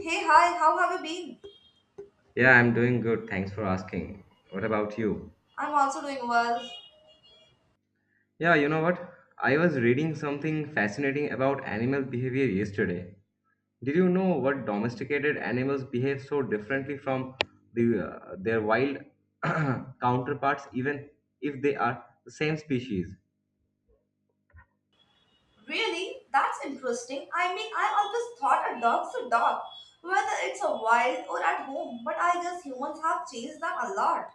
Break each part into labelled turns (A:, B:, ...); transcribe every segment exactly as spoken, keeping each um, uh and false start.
A: Hey, hi, how have you been?
B: Yeah, I'm doing good. Thanks for asking. What about you?
A: I'm also doing well.
B: Yeah, you know what? I was reading something fascinating about animal behavior yesterday. Did you know what domesticated animals behave so differently from the uh, their wild counterparts even if they are the same species?
A: Really? That's interesting. I mean, I always thought a dog's a dog, whether it's a wild or at home, but I guess humans have changed that a lot.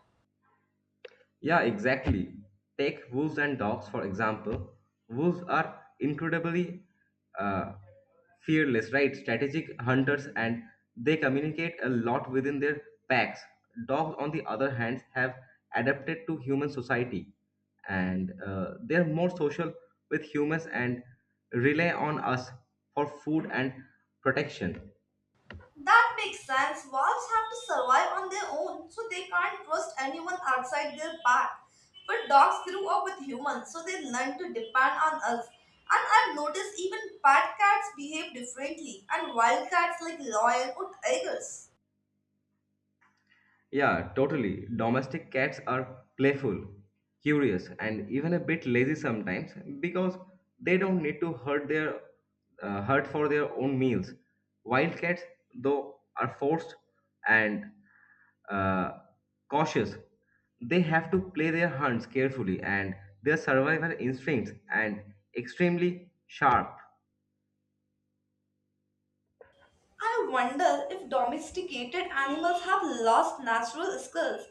B: Yeah, exactly. Take wolves and dogs for example. Wolves are incredibly uh, fearless, right? Strategic hunters and they communicate a lot within their packs. Dogs, on the other hand, have adapted to human society and uh, they're more social with humans and rely on us for food and protection.
A: That makes sense. Wolves have to survive on their own, so they can't trust anyone outside their pack. But dogs grew up with humans, so they learn to depend on us. And I've noticed even pet cats behave differently, and wild cats like lion or tigers.
B: Yeah, totally. Domestic cats are playful, curious, and even a bit lazy sometimes because they don't need to hurt their uh, hurt for their own meals. Wild cats, though, are forced and uh, cautious. They have to play their hunts carefully, and their survival instincts and extremely sharp.
A: I wonder if domesticated animals have lost natural skills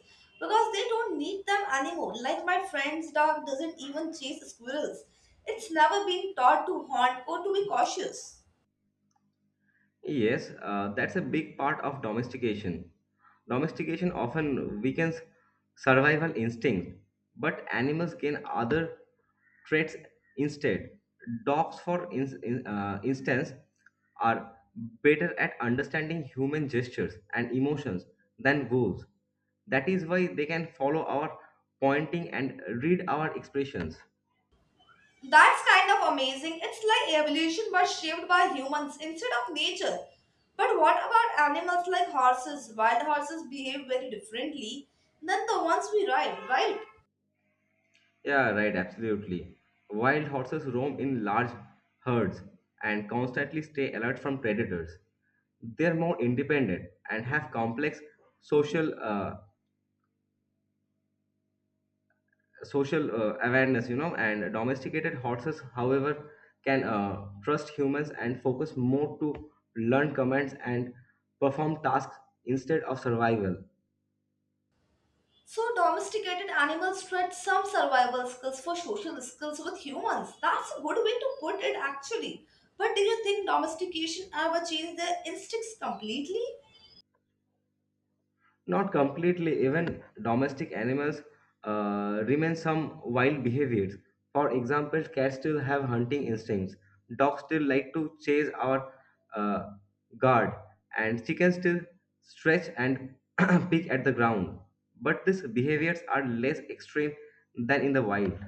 A: because they don't need them anymore. Like my friend's dog doesn't even chase squirrels. It's never been taught to hunt or to be cautious.
B: Yes, uh, that's a big part of domestication. Domestication often weakens survival instinct, but animals gain other traits instead. Dogs, for in, in- uh, instance, are better at understanding human gestures and emotions than wolves. That is why they can follow our pointing and read our expressions.
A: That's kind of amazing. It's like evolution was shaped by humans instead of nature. But what about animals like horses? Wild horses behave very differently than the ones we ride, right?
B: Yeah, right, absolutely. Wild horses roam in large herds and constantly stay alert from predators. They're more independent and have complex social uh, social uh, awareness, you know, and domesticated horses, however, can uh, trust humans and focus more to learn commands and perform tasks instead of survival.
A: So, domesticated animals trade some survival skills for social skills with humans. That's a good way to put it, actually. But do you think domestication ever changed their instincts completely?
B: Not completely, even domestic animals uh, remain some wild behaviors. For example, cats still have hunting instincts, dogs still like to chase our uh, guard, and chickens still stretch and pick at the ground. But these behaviors are less extreme than in the wild.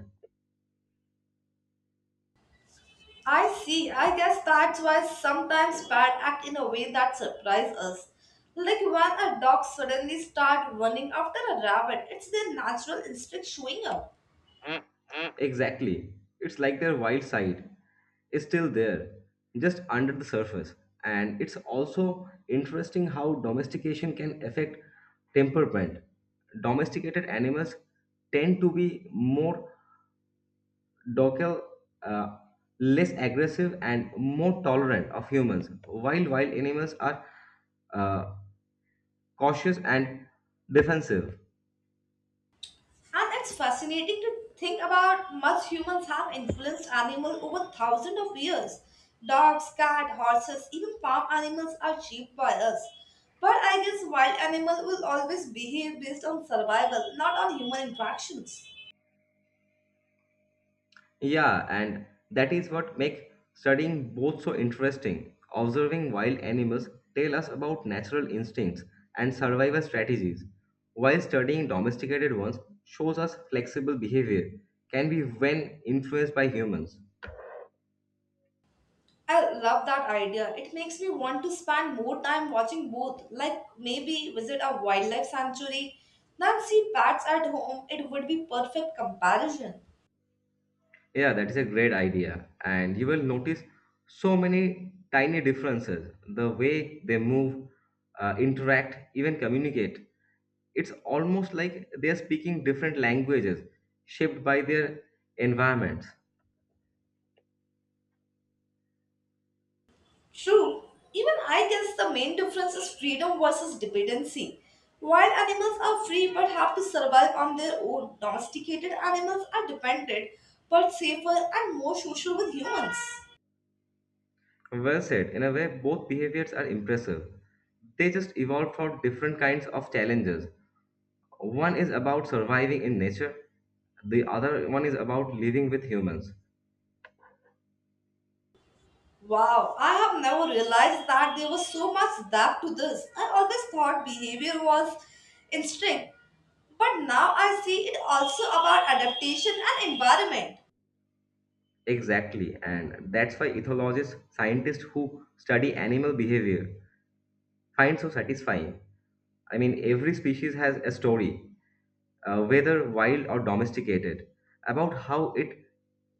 A: I see. I guess that's why sometimes pets act in a way that surprises us. Like when a dog suddenly starts running after a rabbit, it's their natural instinct showing up.
B: Exactly. It's like their wild side is still there, just under the surface. And it's also interesting how domestication can affect temperament. Domesticated animals tend to be more docile, uh, less aggressive, and more tolerant of humans, while wild animals are uh, cautious and defensive.
A: And it's fascinating to think about much humans have influenced animals over thousands of years. Dogs, cats, horses, even farm animals are shaped by us. But I guess wild animals will always behave based on survival, not on human interactions.
B: Yeah, and that is what makes studying both so interesting. Observing wild animals tell us about natural instincts and survival strategies, while studying domesticated ones shows us flexible behavior can be when influenced by humans.
A: I love that idea. It makes me want to spend more time watching both, like maybe visit a wildlife sanctuary than see bats at home. It would be perfect comparison.
B: Yeah, that is a great idea. And you will notice so many tiny differences the way they move, uh, interact, even communicate. It's almost like they are speaking different languages shaped by their environments.
A: True, even I guess the main difference is freedom versus dependency. While animals are free but have to survive on their own. Domesticated animals are dependent but safer and more social with humans.
B: Well said, in a way, both behaviors are impressive. They just evolved for different kinds of challenges. One is about surviving in nature, the other one is about living with humans.
A: Wow, I have never realized that there was so much depth to this. I always thought behavior was instinct, but now I see it also about adaptation and environment.
B: Exactly, and that's why ethologists, scientists who study animal behavior, find so satisfying. I mean, every species has a story, uh, whether wild or domesticated, about how it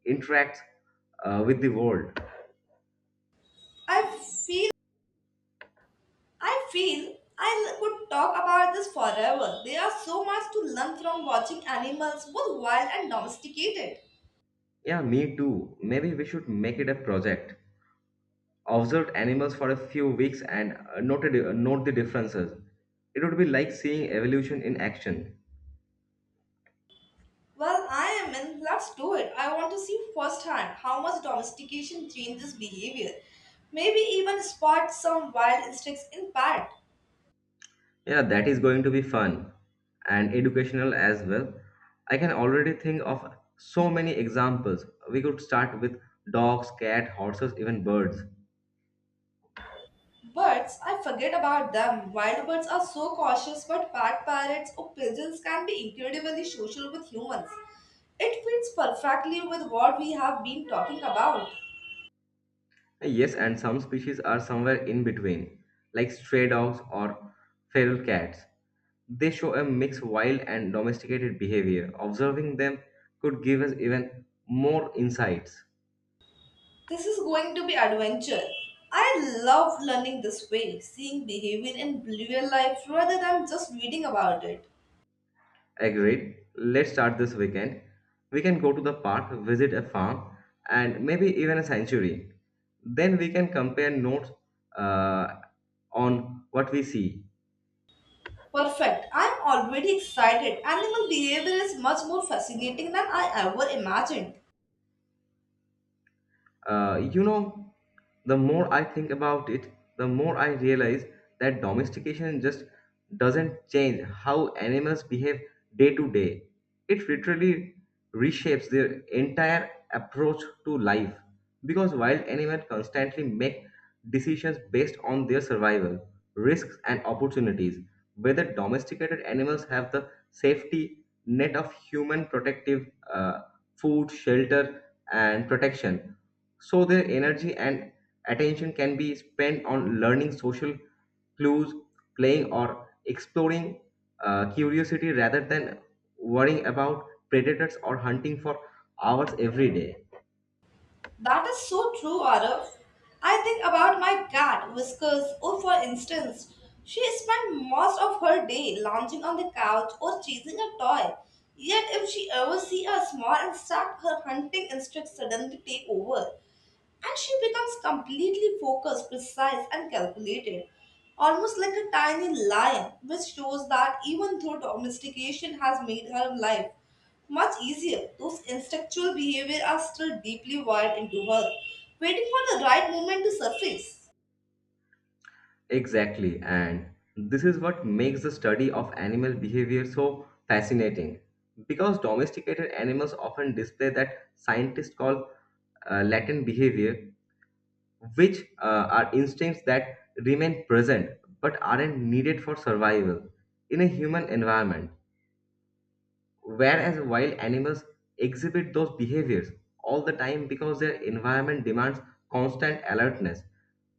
B: interacts uh, with the world.
A: I feel I feel I could talk about this forever. There are so much to learn from watching animals, both wild and domesticated.
B: Yeah, me too. Maybe we should make it a project. Observe animals for a few weeks and uh, note, it- note the differences. It would be like seeing evolution in action.
A: Well, I am in. Let's do it. I want to see firsthand how much domestication changes behavior. Maybe even spot some wild instincts in pet.
B: Yeah, that is going to be fun and educational as well. I can already think of so many examples. We could start with dogs, cats, horses, even birds.
A: Birds, I forget about them. Wild birds are so cautious, but pet parrots or pigeons can be incredibly social with humans. It fits perfectly with what we have been talking about.
B: Yes, and some species are somewhere in between, like stray dogs or feral cats. They show a mix wild and domesticated behavior. Observing them could give us even more insights.
A: This is going to be adventure. I love learning this way, seeing behavior in real life rather than just reading about it.
B: Agreed. Let's start this weekend. We can go to the park, visit a farm, and maybe even a sanctuary. Then we can compare notes uh, on what we see.
A: Perfect. I'm already excited. Animal behavior is much more fascinating than I ever imagined.
B: Uh, you know, the more I think about it, the more I realize that domestication just doesn't change how animals behave day to day. It literally reshapes their entire approach to life because wild animals constantly make decisions based on their survival, risks, and opportunities. Whether domesticated animals have the safety net of human protective uh, food, shelter, and protection so their energy and attention can be spent on learning social clues, playing, or exploring uh, curiosity rather than worrying about predators or hunting for hours every day.
A: That is so true, Arav. I think about my cat, Whiskers, or for instance, she spent most of her day lounging on the couch or chasing a toy. Yet, if she ever sees a small insect, her hunting instinct suddenly take over, and she becomes completely focused, precise, and calculated, almost like a tiny lion, which shows that even though domestication has made her life much easier, those instinctual behaviors are still deeply wired into her, waiting for the right moment to surface.
B: Exactly, and this is what makes the study of animal behavior so fascinating. Because domesticated animals often display that scientists call uh, latent behavior, which uh, are instincts that remain present but aren't needed for survival in a human environment. Whereas wild animals exhibit those behaviors all the time because their environment demands constant alertness,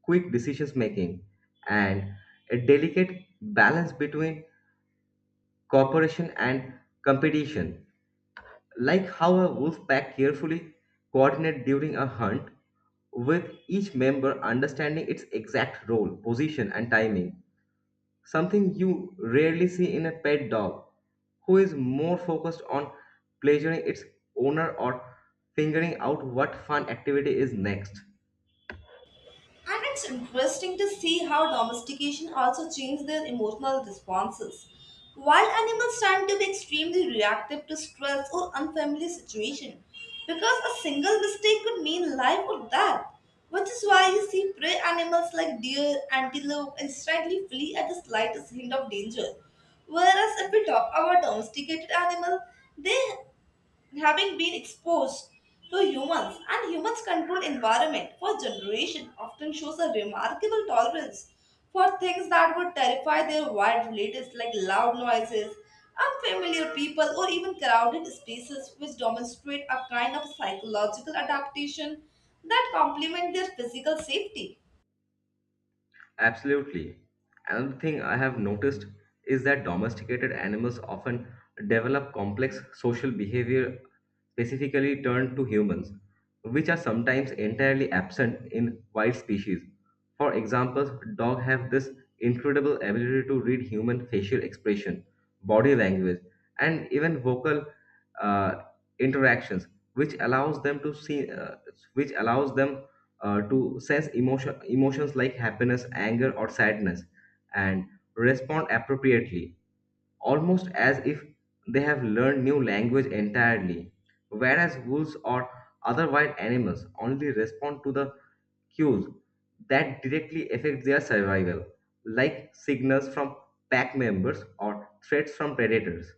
B: quick decision making, and a delicate balance between cooperation and competition. Like how a wolf pack carefully coordinates during a hunt, with each member understanding its exact role, position, and timing something you rarely see in a pet dog, who is more focused on pleasuring its owner or figuring out what fun activity is next.
A: And it's interesting to see how domestication also changed their emotional responses. Wild animals tend to be extremely reactive to stress or unfamiliar situation because a single mistake could mean life or death, which is why you see prey animals like deer, antelope instantly flee at the slightest hint of danger. Whereas if we talk about domesticated animals, they having been exposed to humans and humans controlled environment for generations often shows a remarkable tolerance for things that would terrify their wild relatives like loud noises, unfamiliar people, or even crowded spaces, which demonstrate a kind of psychological adaptation that complement their physical safety.
B: Absolutely. Another thing I have noticed is that domesticated animals often develop complex social behavior specifically turned to humans, which are sometimes entirely absent in wild species. For example, dogs have this incredible ability to read human facial expression, body language, and even vocal uh, interactions, which allows them to see, uh, which allows them uh, to sense emotion, emotions like happiness, anger, or sadness, and respond appropriately almost as if they have learned new language entirely. Whereas wolves or other wild animals only respond to the cues that directly affect their survival, like signals from pack members or threats from predators.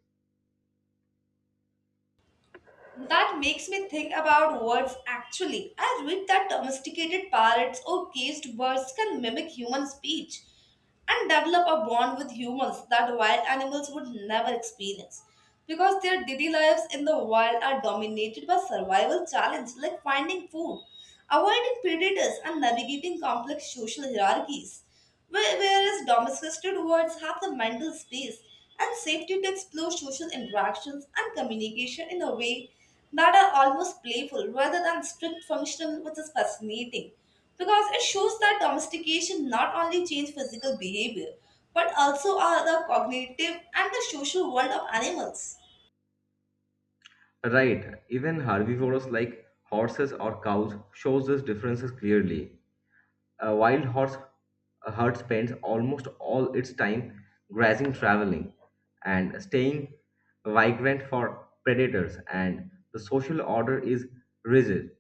A: That makes me think about words actually. I read that domesticated parrots or caged birds can mimic human speech and develop a bond with humans that wild animals would never experience because their daily lives in the wild are dominated by survival challenges like finding food, avoiding predators, and navigating complex social hierarchies. Whe- Whereas domesticated birds have the mental space and safety to explore social interactions and communication in a way that are almost playful rather than strict functional, which is fascinating because it shows that domestication not only changed physical behavior but also are the cognitive and the social world of animals.
B: Right, even herbivores like horses or cows shows these differences clearly. A wild horse a herd spends almost all its time grazing, traveling, and staying vigilant for predators, and the social order is rigid,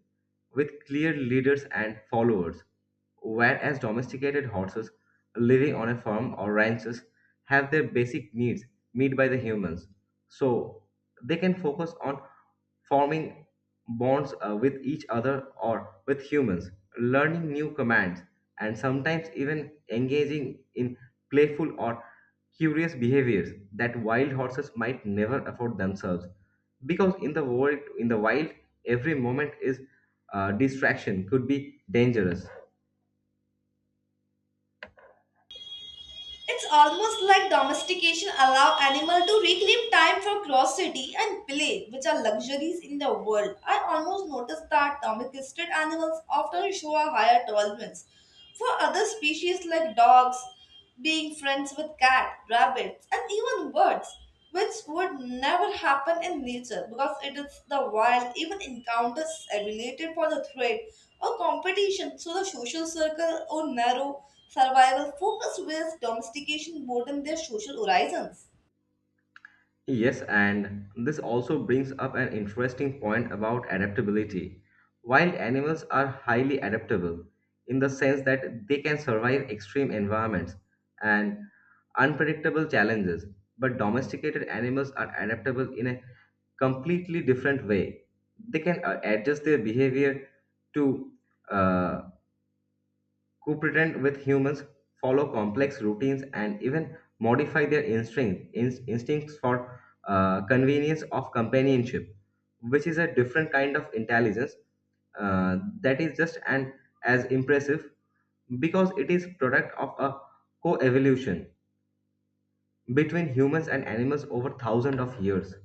B: with clear leaders and followers. Whereas domesticated horses living on a farm or ranches have their basic needs met by the humans, so they can focus on forming bonds uh, with each other or with humans, learning new commands and sometimes even engaging in playful or curious behaviors that wild horses might never afford themselves because in the world in the wild every moment is uh, distraction could be dangerous.
A: It's almost like domestication allow animal to reclaim time for curiosity and play, which are luxuries in the world. I almost noticed that domesticated animals often show a higher tolerance for other species like dogs, being friends with cat, rabbits, and even birds, which would never happen in nature because it is the wild even encounters related for the threat or competition, so the social circle or narrow survival focus where domestication broaden their social horizons.
B: Yes, and this also brings up an interesting point about adaptability. Wild animals are highly adaptable in the sense that they can survive extreme environments and unpredictable challenges, but domesticated animals are adaptable in a completely different way. They can uh, adjust their behavior to uh, cooperate with humans, follow complex routines, and even modify their instinct, in- instincts for uh, convenience of companionship, which is a different kind of intelligence uh, that is just and as impressive because it is product of a co-evolution between humans and animals over thousands of years.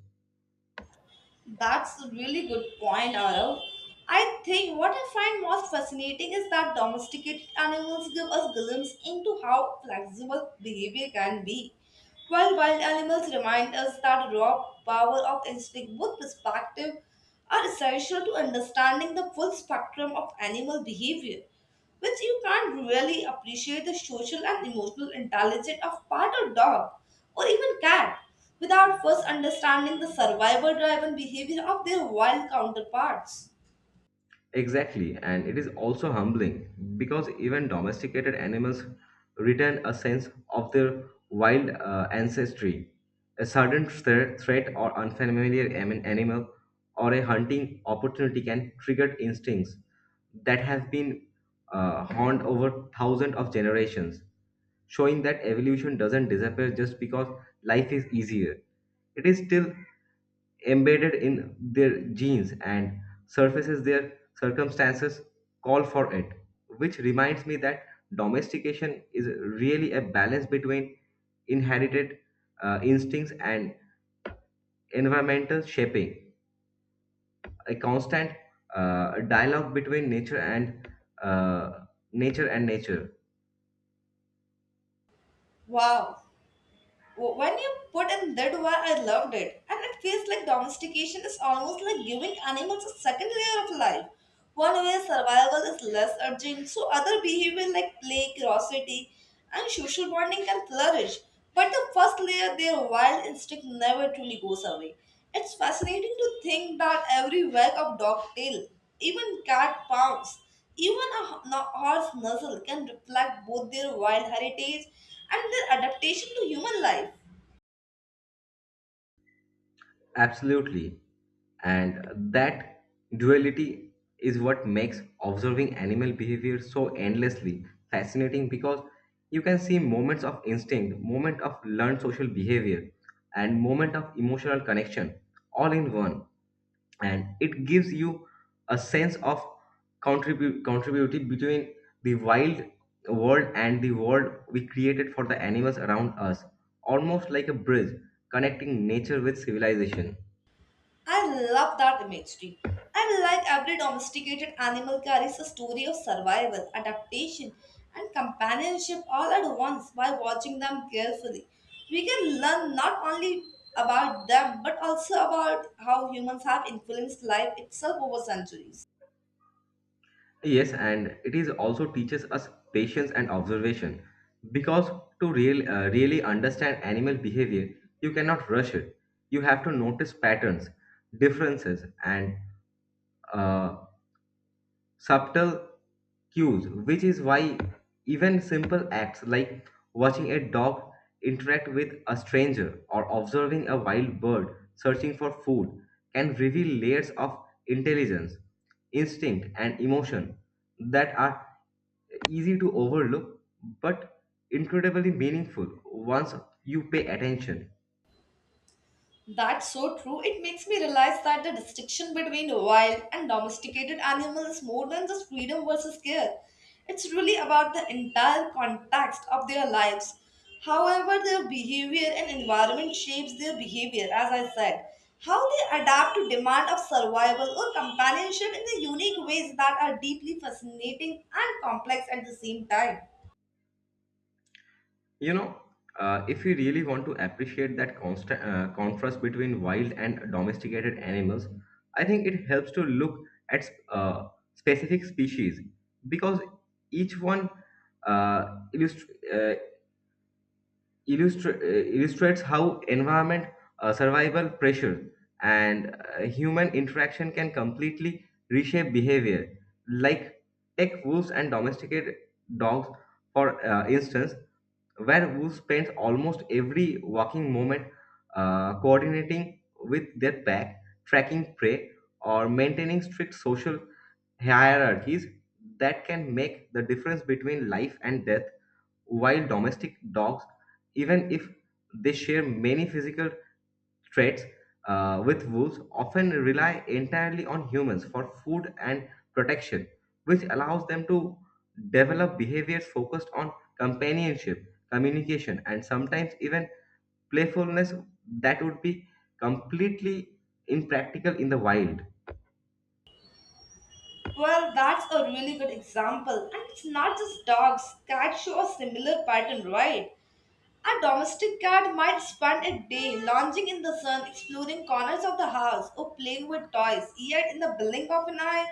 A: That's a really good point, Arav. I think what I find most fascinating is that domesticated animals give us glimpse into how flexible behavior can be, while wild animals remind us that raw power of instinct. Both perspectives are essential to understanding the full spectrum of animal behavior, which you can't really appreciate the social and emotional intelligence of part or dog or even cat without first understanding the survivor driven behavior of their wild counterparts.
B: Exactly, and it is also humbling because even domesticated animals retain a sense of their wild uh, ancestry. A sudden thre- threat or unfamiliar am- animal or a hunting opportunity can trigger instincts that have been uh, honed over thousands of generations, showing that evolution doesn't disappear just because life is easier. It is still embedded in their genes and surfaces their circumstances call for it, which reminds me that domestication is really a balance between inherited uh, instincts and environmental shaping, a constant uh, dialogue between nature and uh, nature and nature.
A: Wow, when you put in that way, I loved it. And it feels like domestication is almost like giving animals a second layer of life. One way survival is less urgent, so other behavior like play, curiosity, and social bonding can flourish. But the first layer, their wild instinct, never truly goes away. It's fascinating to think that every wag of dog tail, even cat pounds, even a ho- no- horse nuzzle can reflect both their wild heritage and their adaptation to human life.
B: Absolutely, and that duality is what makes observing animal behavior so endlessly fascinating because you can see moments of instinct, moment of learned social behavior, and moment of emotional connection all in one, and it gives you a sense of contribu- contributive between the wild world and the world we created for the animals around us, almost like a bridge connecting nature with civilization.
A: I love that imagery. I like every domesticated animal carries a story of survival, adaptation, and companionship all at once by watching them carefully. We can learn not only about them but also about how humans have influenced life itself over centuries.
B: Yes, and it is also teaches us patience and observation because to real, uh, really understand animal behavior, you cannot rush it. You have to notice patterns, differences, and uh, subtle cues, which is why even simple acts like watching a dog interact with a stranger or observing a wild bird searching for food can reveal layers of intelligence, instinct, and emotion that are easy to overlook but incredibly meaningful once you pay attention.
A: That's so true. It makes me realize that the distinction between wild and domesticated animals is more than just freedom versus care. It's really about the entire context of their lives. However, their behavior and environment shapes their behavior, as I said. How they adapt to demand of survival or companionship in the unique ways that are deeply fascinating and complex at the same time.
B: You know uh, if you really want to appreciate that constant uh, contrast between wild and domesticated animals, I think it helps to look at uh, specific species because each one uh, illust- uh, illustra- uh, illustrates how environment, uh, survival pressure, and uh, human interaction can completely reshape behavior. Like tech wolves and domesticated dogs, for uh, instance, where wolves spends almost every walking moment uh, coordinating with their pack, tracking prey, or maintaining strict social hierarchies that can make the difference between life and death, while domestic dogs even if they share many physical traits uh, with wolves, often rely entirely on humans for food and protection, which allows them to develop behaviors focused on companionship, communication, and sometimes even playfulness that would be completely impractical in the wild.
A: Well, that's a really good example. And it's not just dogs, cats show a similar pattern, right? A domestic cat might spend a day lounging in the sun, exploring corners of the house, or playing with toys, yet, in the blink of an eye,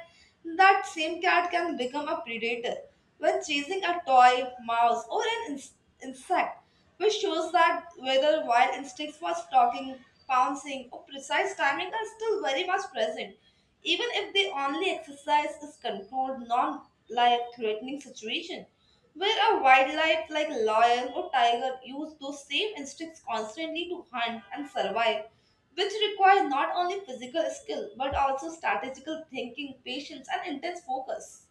A: that same cat can become a predator when chasing a toy, mouse, or an ins- insect, which shows that whether wild instincts for stalking, pouncing, or precise timing are still very much present, even if the only exercise is controlled, non life threatening situation. Where a wildlife like lion or tiger use those same instincts constantly to hunt and survive, which require not only physical skill but also strategical thinking, patience, and intense focus.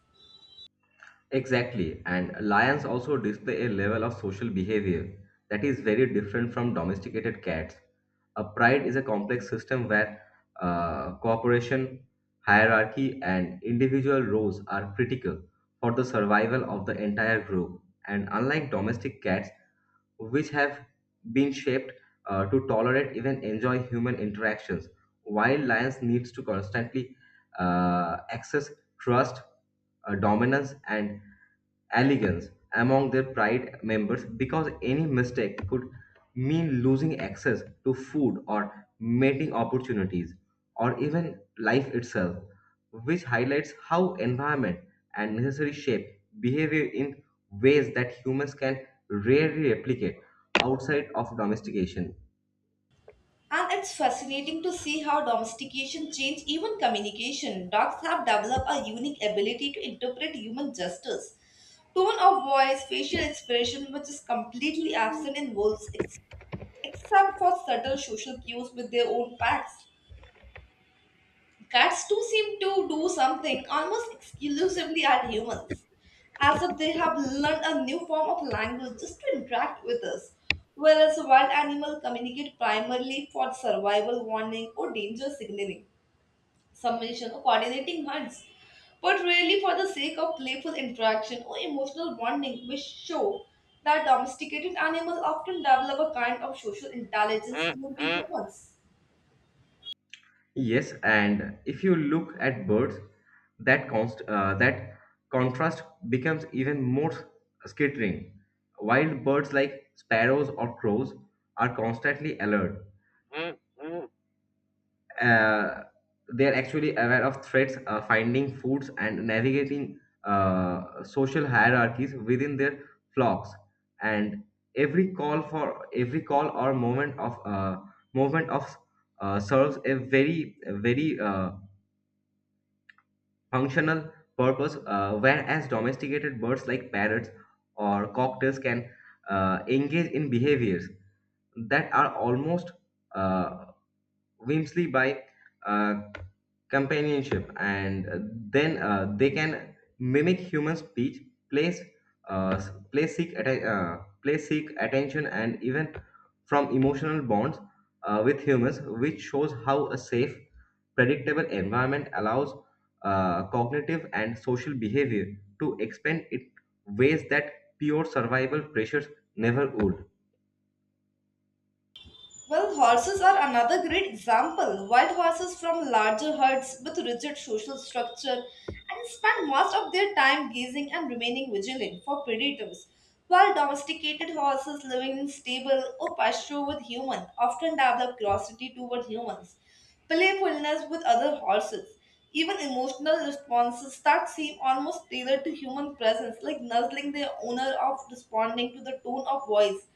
B: Exactly, and lions also display a level of social behavior that is very different from domesticated cats. A pride is a complex system where uh, cooperation, hierarchy, and individual roles are critical for the survival of the entire group. And unlike domestic cats, which have been shaped uh, to tolerate, even enjoy, human interactions, while lions needs to constantly uh, access trust, uh, dominance, and elegance among their pride members, because any mistake could mean losing access to food or mating opportunities or even life itself, which highlights how environment and necessary shape behavior in ways that humans can rarely replicate outside of domestication.
A: And it's fascinating to see how domestication changed even communication. Dogs have developed a unique ability to interpret human gestures, tone of voice, facial expression, which is completely absent in wolves, ex- except for subtle social cues with their own packs. Cats too seem to do something almost exclusively at humans, as if they have learned a new form of language just to interact with us, whereas wild animals communicate primarily for survival warning or danger signaling, submission or coordinating hunts, but really for the sake of playful interaction or emotional bonding, which show that domesticated animals often develop a kind of social intelligence new to humans.
B: Yes, and if you look at birds, that const uh, that contrast becomes even more scattering. Wild birds like sparrows or crows are constantly alert, uh, they are actually aware of threats, uh, finding foods, and navigating uh, social hierarchies within their flocks. And every call for every call or moment of uh, movement of uh, serves a very a very uh, functional purpose. Uh, whereas domesticated birds like parrots or cocktails can uh, engage in behaviors that are almost uh, whimsy by uh, companionship, and uh, then uh, they can mimic human speech, place uh, place seek atten- uh, place seek attention and even from emotional bonds uh, with humans, which shows how a safe, predictable environment allows uh, cognitive and social behavior to expand in ways that pure survival pressures never would.
A: Well, horses are another great example. Wild horses from larger herds with rigid social structure and spend most of their time gazing and remaining vigilant for predators, while domesticated horses living in stable or pasture with humans often develop curiosity toward humans, playfulness with other horses, even emotional responses that seem almost tailored to human presence, like nuzzling their owner of responding to the tone of voice,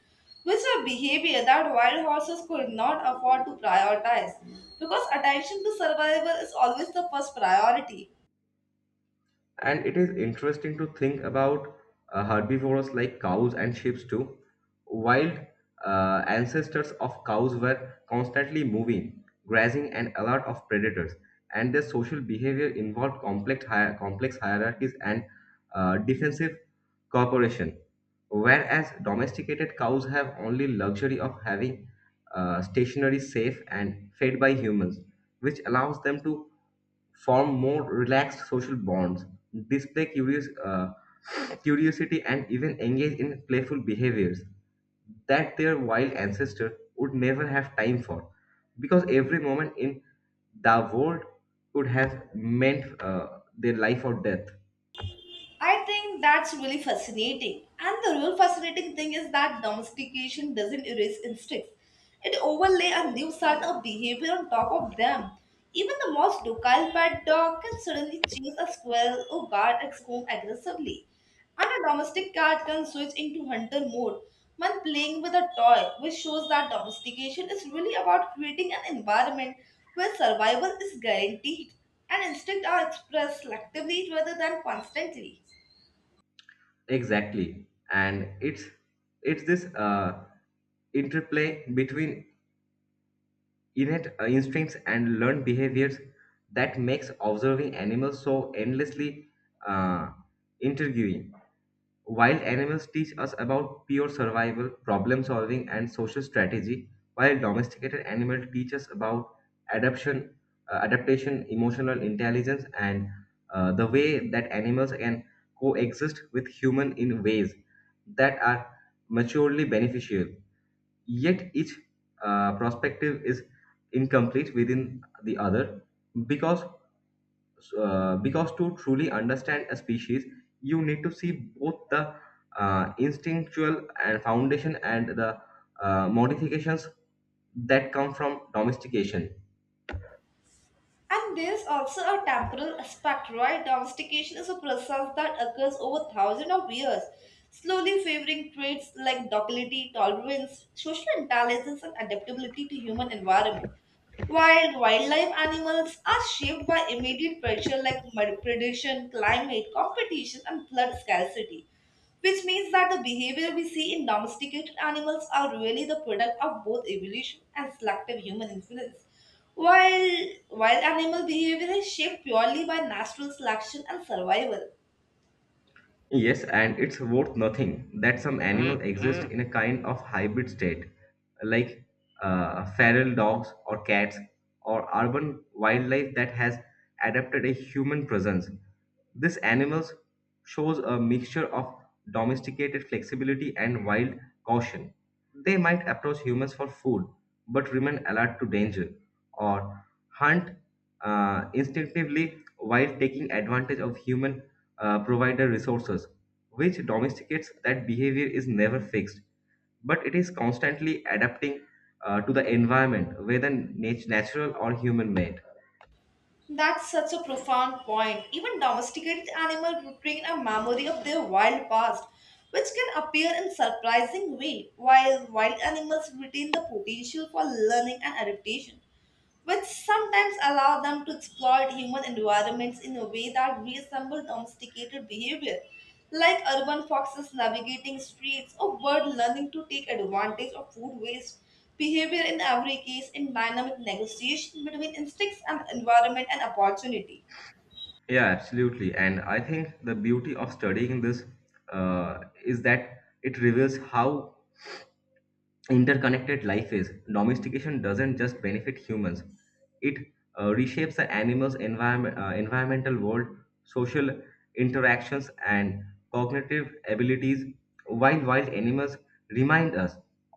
A: which are behavior that wild horses could not afford to prioritize because attention to survival is always the first priority.
B: And it is interesting to think about uh, herbivores like cows and sheep too. Wild uh, ancestors of cows were constantly moving, grazing, and alert of predators, and their social behavior involved complex, hier- complex hierarchies and uh, defensive cooperation. Whereas domesticated cows have only luxury of having uh, stationary, safe, and fed by humans, which allows them to form more relaxed social bonds, display curious, uh, curiosity, and even engage in playful behaviors that their wild ancestor would never have time for, because every moment in the world could have meant uh, their life or death.
A: I think that's really fascinating. And the real fascinating thing is that domestication doesn't erase instincts. It overlay a new set of behavior on top of them. Even the most docile pet dog can suddenly chase a squirrel or guard its home aggressively. And a domestic cat can switch into hunter mode when playing with a toy, which shows that domestication is really about creating an environment where survival is guaranteed and instincts are expressed selectively rather than constantly.
B: Exactly, and it's it's this uh, interplay between innate uh, instincts and learned behaviors that makes observing animals so endlessly uh, intriguing. Wild animals teach us about pure survival, problem solving, and social strategy, while domesticated animals teach us about adaptation, uh, adaptation, emotional intelligence, and uh, the way that animals can coexist with human in ways that are maturely beneficial, yet each uh, perspective is incomplete within the other, because uh, because to truly understand a species you need to see both the uh, instinctual and foundation and the uh, modifications that come from domestication.
A: And there's also a temporal aspect, right? Domestication is a process that occurs over thousands of years, slowly favoring traits like docility, tolerance, social intelligence, and adaptability to human environment. While wildlife animals are shaped by immediate pressure like predation, climate, competition, and blood scarcity, which means that the behavior we see in domesticated animals are really the product of both evolution and selective human influence. While, wild animal behavior is shaped purely by natural selection and survival.
B: Yes, and it's worth nothing that some animals exist, mhm, in a kind of hybrid state, like uh, feral dogs or cats or urban wildlife that has adapted a human presence. This animals shows a mixture of domesticated flexibility and wild caution. They might approach humans for food, but remain alert to danger, or hunt uh, instinctively while taking advantage of human uh, provider resources, which domesticates that behavior is never fixed, but it is constantly adapting uh, to the environment, whether nat- natural or human made.
A: That's such a profound point. Even domesticated animals retain a memory of their wild past, which can appear in surprising way, while wild animals retain the potential for learning and adaptation, which sometimes allow them to exploit human environments in a way that resembles domesticated behavior, like urban foxes navigating streets or birds learning to take advantage of food waste. Behavior in every case in dynamic negotiation between instincts and environment and opportunity.
B: Yeah, absolutely. And I think the beauty of studying this uh, is that it reveals how interconnected life is. Domestication doesn't just benefit humans, it uh, reshapes the animal's environment, uh, environmental world, social interactions, and cognitive abilities, while wild animals remind us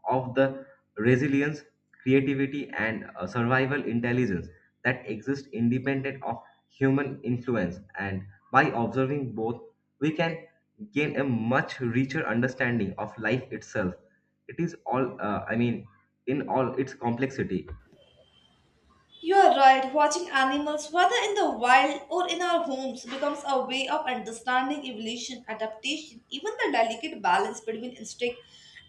B: of the resilience, creativity, and uh, survival intelligence that exist independent of human influence. And by observing both, we can gain a much richer understanding of life itself, it is all uh, i mean in all its complexity.
A: You are right, watching animals, whether in the wild or in our homes, becomes a way of understanding evolution, adaptation, even the delicate balance between instinct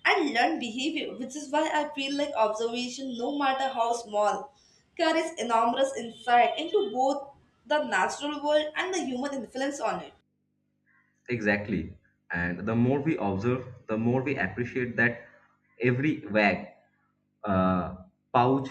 A: and learned behavior, which is why I feel like observation, no matter how small, carries enormous insight into both the natural world and the human influence on it.
B: Exactly, and the more we observe, the more we appreciate that every wag, uh, pouch,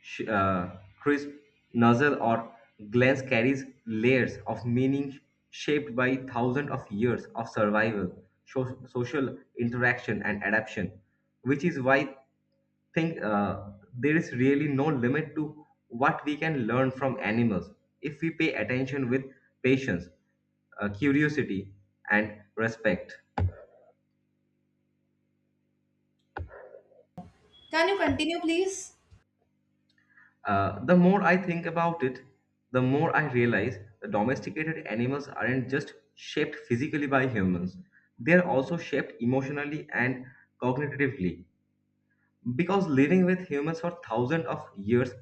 B: sh- uh, crisp, nozzle, or glance carries layers of meaning shaped by thousands of years of survival, so- social interaction, and adaptation, which is why, think uh, there is really no limit to what we can learn from animals if we pay attention with patience, uh, curiosity, and respect.
A: Can you continue, please?
B: Uh, the more I think about it, the more I realize the domesticated animals aren't just shaped physically by humans, they are also shaped emotionally and cognitively, because living with humans for thousands of years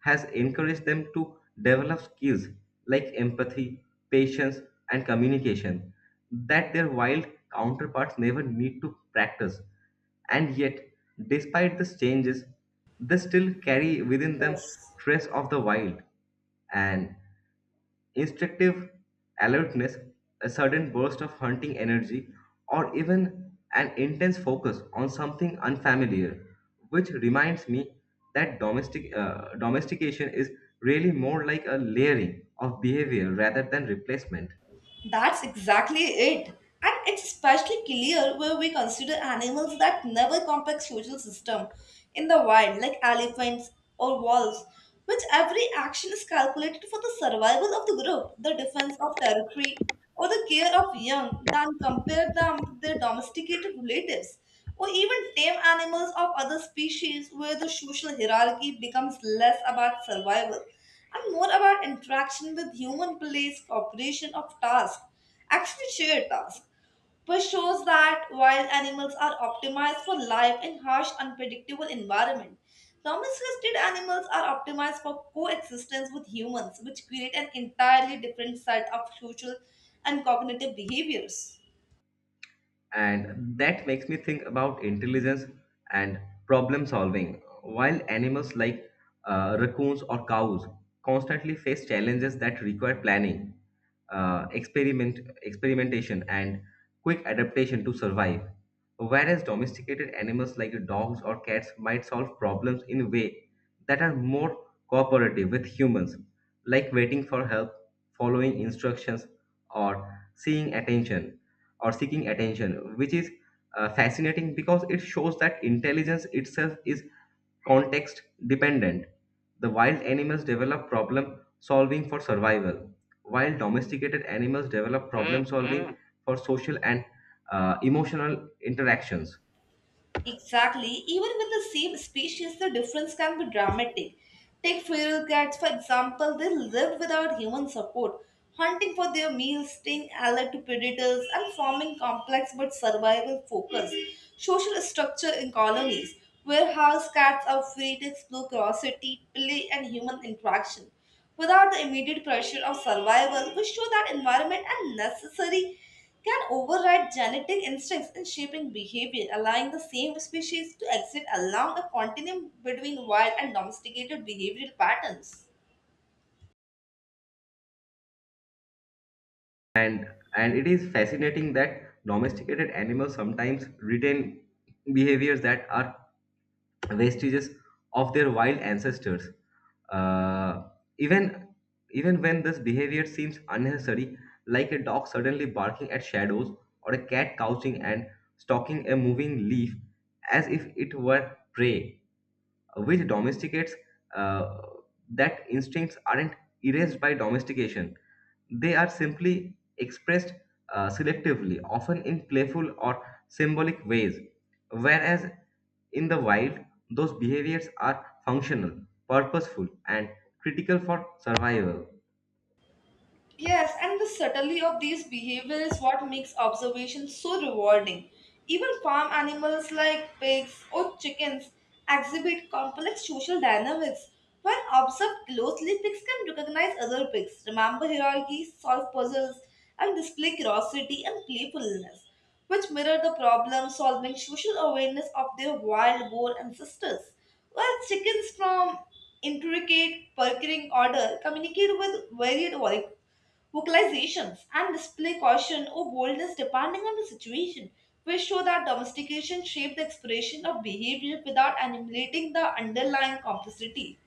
B: has encouraged them to develop skills like empathy, patience, and communication that their wild counterparts never need to practice. And yet, despite these changes, they still carry within them
A: Yes.
B: trace of the wild. And instinctive alertness, a sudden burst of hunting energy, or even an intense focus on something unfamiliar, which reminds me that domestic, uh, domestication is really more like a layering of behavior rather than replacement.
A: That's exactly it. And it's especially clear where we consider animals that never complex social system in the wild, like elephants or wolves, which every action is calculated for the survival of the group, the defense of territory, or the care of young, than compare them to their domesticated relatives or even tame animals of other species where the social hierarchy becomes less about survival and more about interaction with human place, cooperation of task, actually shared task, which shows that wild animals are optimized for life in harsh, unpredictable environment. Domesticated animals are optimized for coexistence with humans, which create an entirely different set of social and cognitive behaviors.
B: And that makes me think about intelligence and problem solving, while animals like uh, raccoons or cows constantly face challenges that require planning, uh, experiment experimentation, and quick adaptation to survive, whereas domesticated animals like dogs or cats might solve problems in a way that are more cooperative with humans, like waiting for help, following instructions, or seeing attention or seeking attention, which is uh, fascinating because it shows that intelligence itself is context dependent. The wild animals develop problem solving for survival, while domesticated animals develop problem solving for social and uh, emotional interactions.
A: Exactly. Even with the same species, the difference can be dramatic. Take feral cats, for example, they live without human support, hunting for their meals, staying alert to predators, and forming complex but survival focused social structure in colonies, where house cats are free to explore curiosity, play, and human interaction. Without the immediate pressure of survival, we show that environment and necessary can override genetic instincts in shaping behavior, allowing the same species to exist along a continuum between wild and domesticated behavioral patterns.
B: And and it is fascinating that domesticated animals sometimes retain behaviors that are vestiges of their wild ancestors. Uh, even even when this behavior seems unnecessary, like a dog suddenly barking at shadows or a cat couching and stalking a moving leaf as if it were prey, which domesticates uh, that instincts aren't erased by domestication. They are simply expressed uh, selectively, often in playful or symbolic ways, whereas in the wild, those behaviors are functional, purposeful, and critical for survival.
A: Yes, and the subtlety of these behavior is what makes observation so rewarding. Even farm animals like pigs or chickens exhibit complex social dynamics. When observed closely, pigs can recognize other pigs, remember hierarchies, solve puzzles, and display curiosity and playfulness, which mirror the problem solving social awareness of their wild boar ancestors. While chickens from intricate, purring order communicate with varied voices vocalizations, and display caution or boldness depending on the situation, which show that domestication shaped the expression of behavior without annihilating the underlying complexity.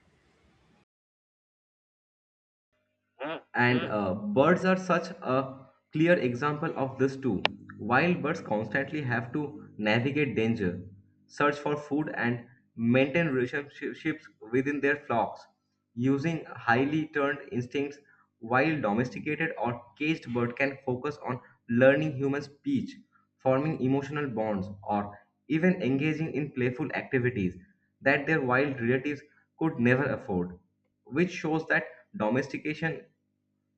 B: And uh, birds are such a clear example of this too. Wild birds constantly have to navigate danger, search for food, and maintain relationships within their flocks using highly turned instincts. While domesticated or caged bird can focus on learning human speech, forming emotional bonds, or even engaging in playful activities that their wild relatives could never afford, which shows that domestication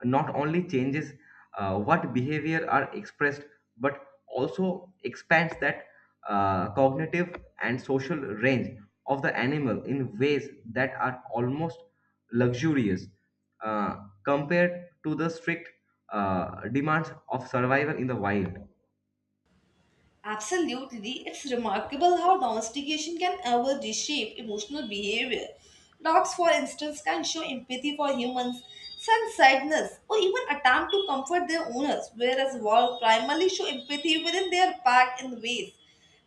B: not only changes uh, what behavior are expressed but also expands that uh, cognitive and social range of the animal in ways that are almost luxurious uh, compared to the strict uh, demands of survival in the wild.
A: Absolutely, it's remarkable how domestication can ever reshape emotional behavior. Dogs, for instance, can show empathy for humans, sense sadness, or even attempt to comfort their owners, whereas wolves primarily show empathy within their pack in ways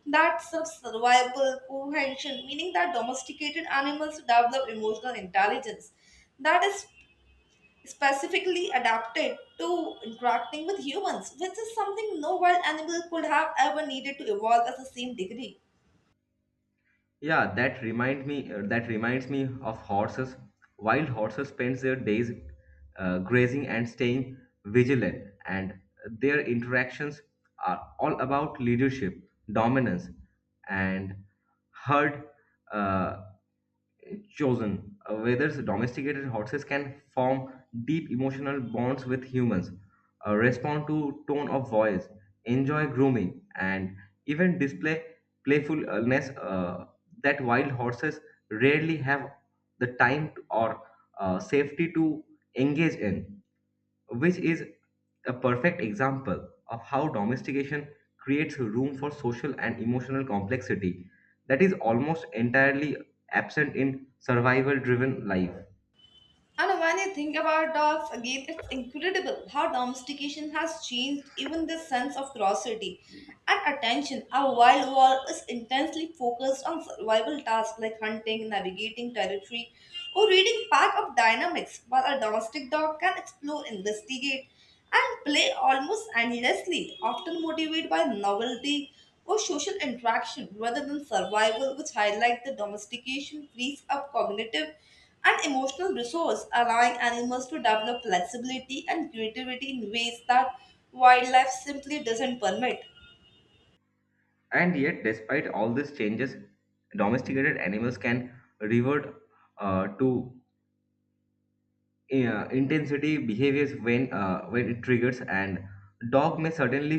A: that serve survival, cohesion, meaning that domesticated animals develop emotional intelligence that is specifically adapted to interacting with humans, which is something no wild animal could have ever needed to evolve at the same degree.
B: Yeah, that remind me. uh, that reminds me of horses. Wild horses spend their days uh, grazing and staying vigilant, and their interactions are all about leadership, dominance, and herd. Uh, chosen, Uh, whether domesticated horses can form deep emotional bonds with humans, uh, respond to tone of voice, enjoy grooming, and even display playfulness uh, that wild horses rarely have the time or uh, safety to engage in, which is a perfect example of how domestication creates room for social and emotional complexity that is almost entirely absent in survival driven life.
A: And when you think about dogs, again, it's incredible how domestication has changed even the sense of curiosity and attention. Our wild world is intensely focused on survival tasks like hunting, navigating territory, or reading pack of dynamics, while a domestic dog can explore, investigate, and play almost endlessly, often motivated by novelty or social interaction rather than survival, which highlight the domestication frees up cognitive and emotional resource, allowing animals to develop flexibility and creativity in ways that wildlife simply doesn't permit.
B: And yet, despite all these changes, domesticated animals can revert uh, to, yeah, intensity behaviors when uh, when it triggers, and dog may suddenly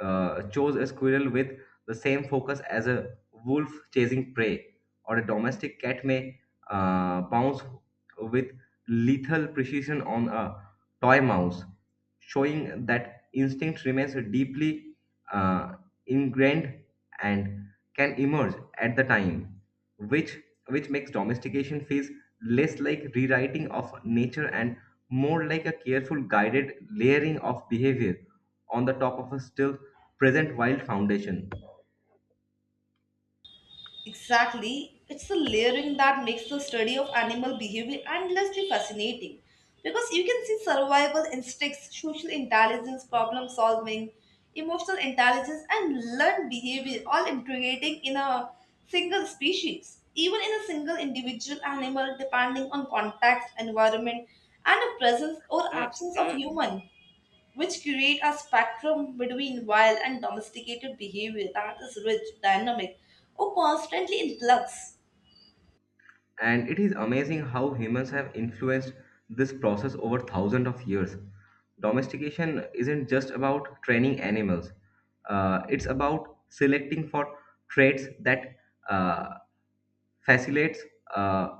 B: uh, chase a squirrel with the same focus as a wolf chasing prey, or a domestic cat may uh, bounce with lethal precision on a toy mouse, showing that instinct remains deeply uh, ingrained and can emerge at the time, which which makes domestication feels less like rewriting of nature and more like a careful guided layering of behavior on the top of a still present wild foundation.
A: Exactly. It's the layering that makes the study of animal behavior endlessly fascinating because you can see survival instincts, social intelligence, problem solving, emotional intelligence, and learned behavior all integrating in a single species, even in a single individual animal, depending on context, environment, and the presence or
B: Mm,
A: absence of
B: mm.
A: human, which create a spectrum between wild and domesticated behavior that is rich, dynamic, or constantly in flux.
B: And it is amazing how humans have influenced this process over thousands of years. Domestication isn't just about training animals, uh, it's about selecting for traits that uh, facilitates uh,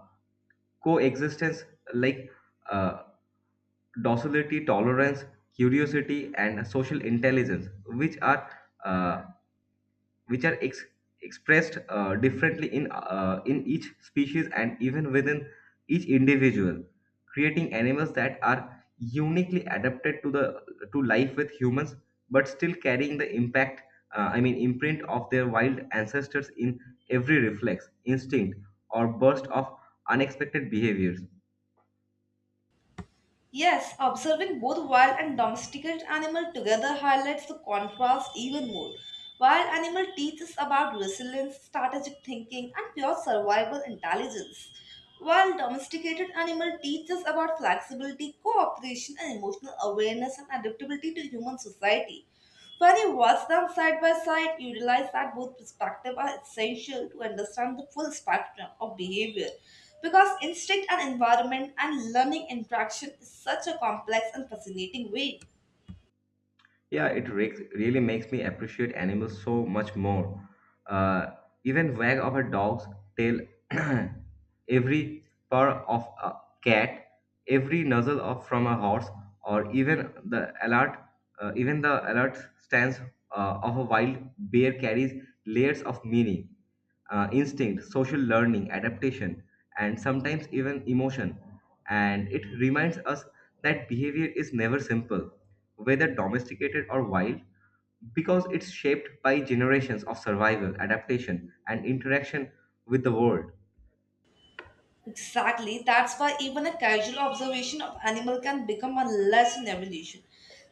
B: coexistence, like uh, docility, tolerance, curiosity, and social intelligence, which are uh, which are ex- expressed uh, differently in uh, in each species and even within each individual, creating animals that are uniquely adapted to the to life with humans, but still carrying the impact. Uh, I mean, imprint of their wild ancestors in every reflex, instinct, or burst of unexpected behaviors.
A: Yes, observing both wild and domesticated animal together highlights the contrast even more. Wild animal teaches about resilience, strategic thinking, and pure survival intelligence, while domesticated animal teaches about flexibility, cooperation, and emotional awareness and adaptability to human society. When you watch them side by side, you realize that both perspectives are essential to understand the full spectrum of behavior. Because instinct and environment and learning interaction is such a complex and fascinating way.
B: Yeah, it re- really makes me appreciate animals so much more. Uh, even wag of a dog's tail, every purr of a cat, every nuzzle of from a horse, or even the alert, uh, even the alert stance uh, of a wild bear carries layers of meaning, uh, instinct, social learning, adaptation, and sometimes even emotion. And it reminds us that behavior is never simple, whether domesticated or wild, because it's shaped by generations of survival, adaptation, and interaction with the world.
A: Exactly. That's why even a casual observation of animal can become a lesson in evolution,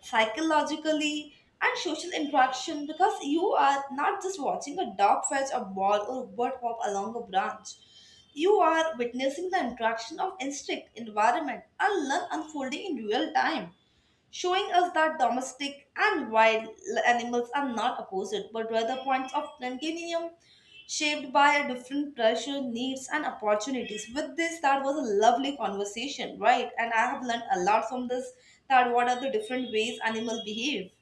A: psychologically and social interaction, because you are not just watching a dog fetch a ball or a bird hop along a branch. You are witnessing the interaction of instinct, environment, and learn unfolding in real time, showing us that domestic and wild animals are not opposite but rather points of continuum shaped by different pressure needs and opportunities. With this, that was a lovely conversation, right? And I have learned a lot from this, that what are the different ways animals behave.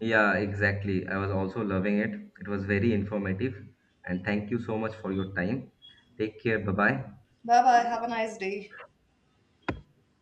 B: Yeah, exactly. I was also loving it. It was very informative. And thank you so much for your time. Take care. Bye bye.
A: Bye bye, have a nice day.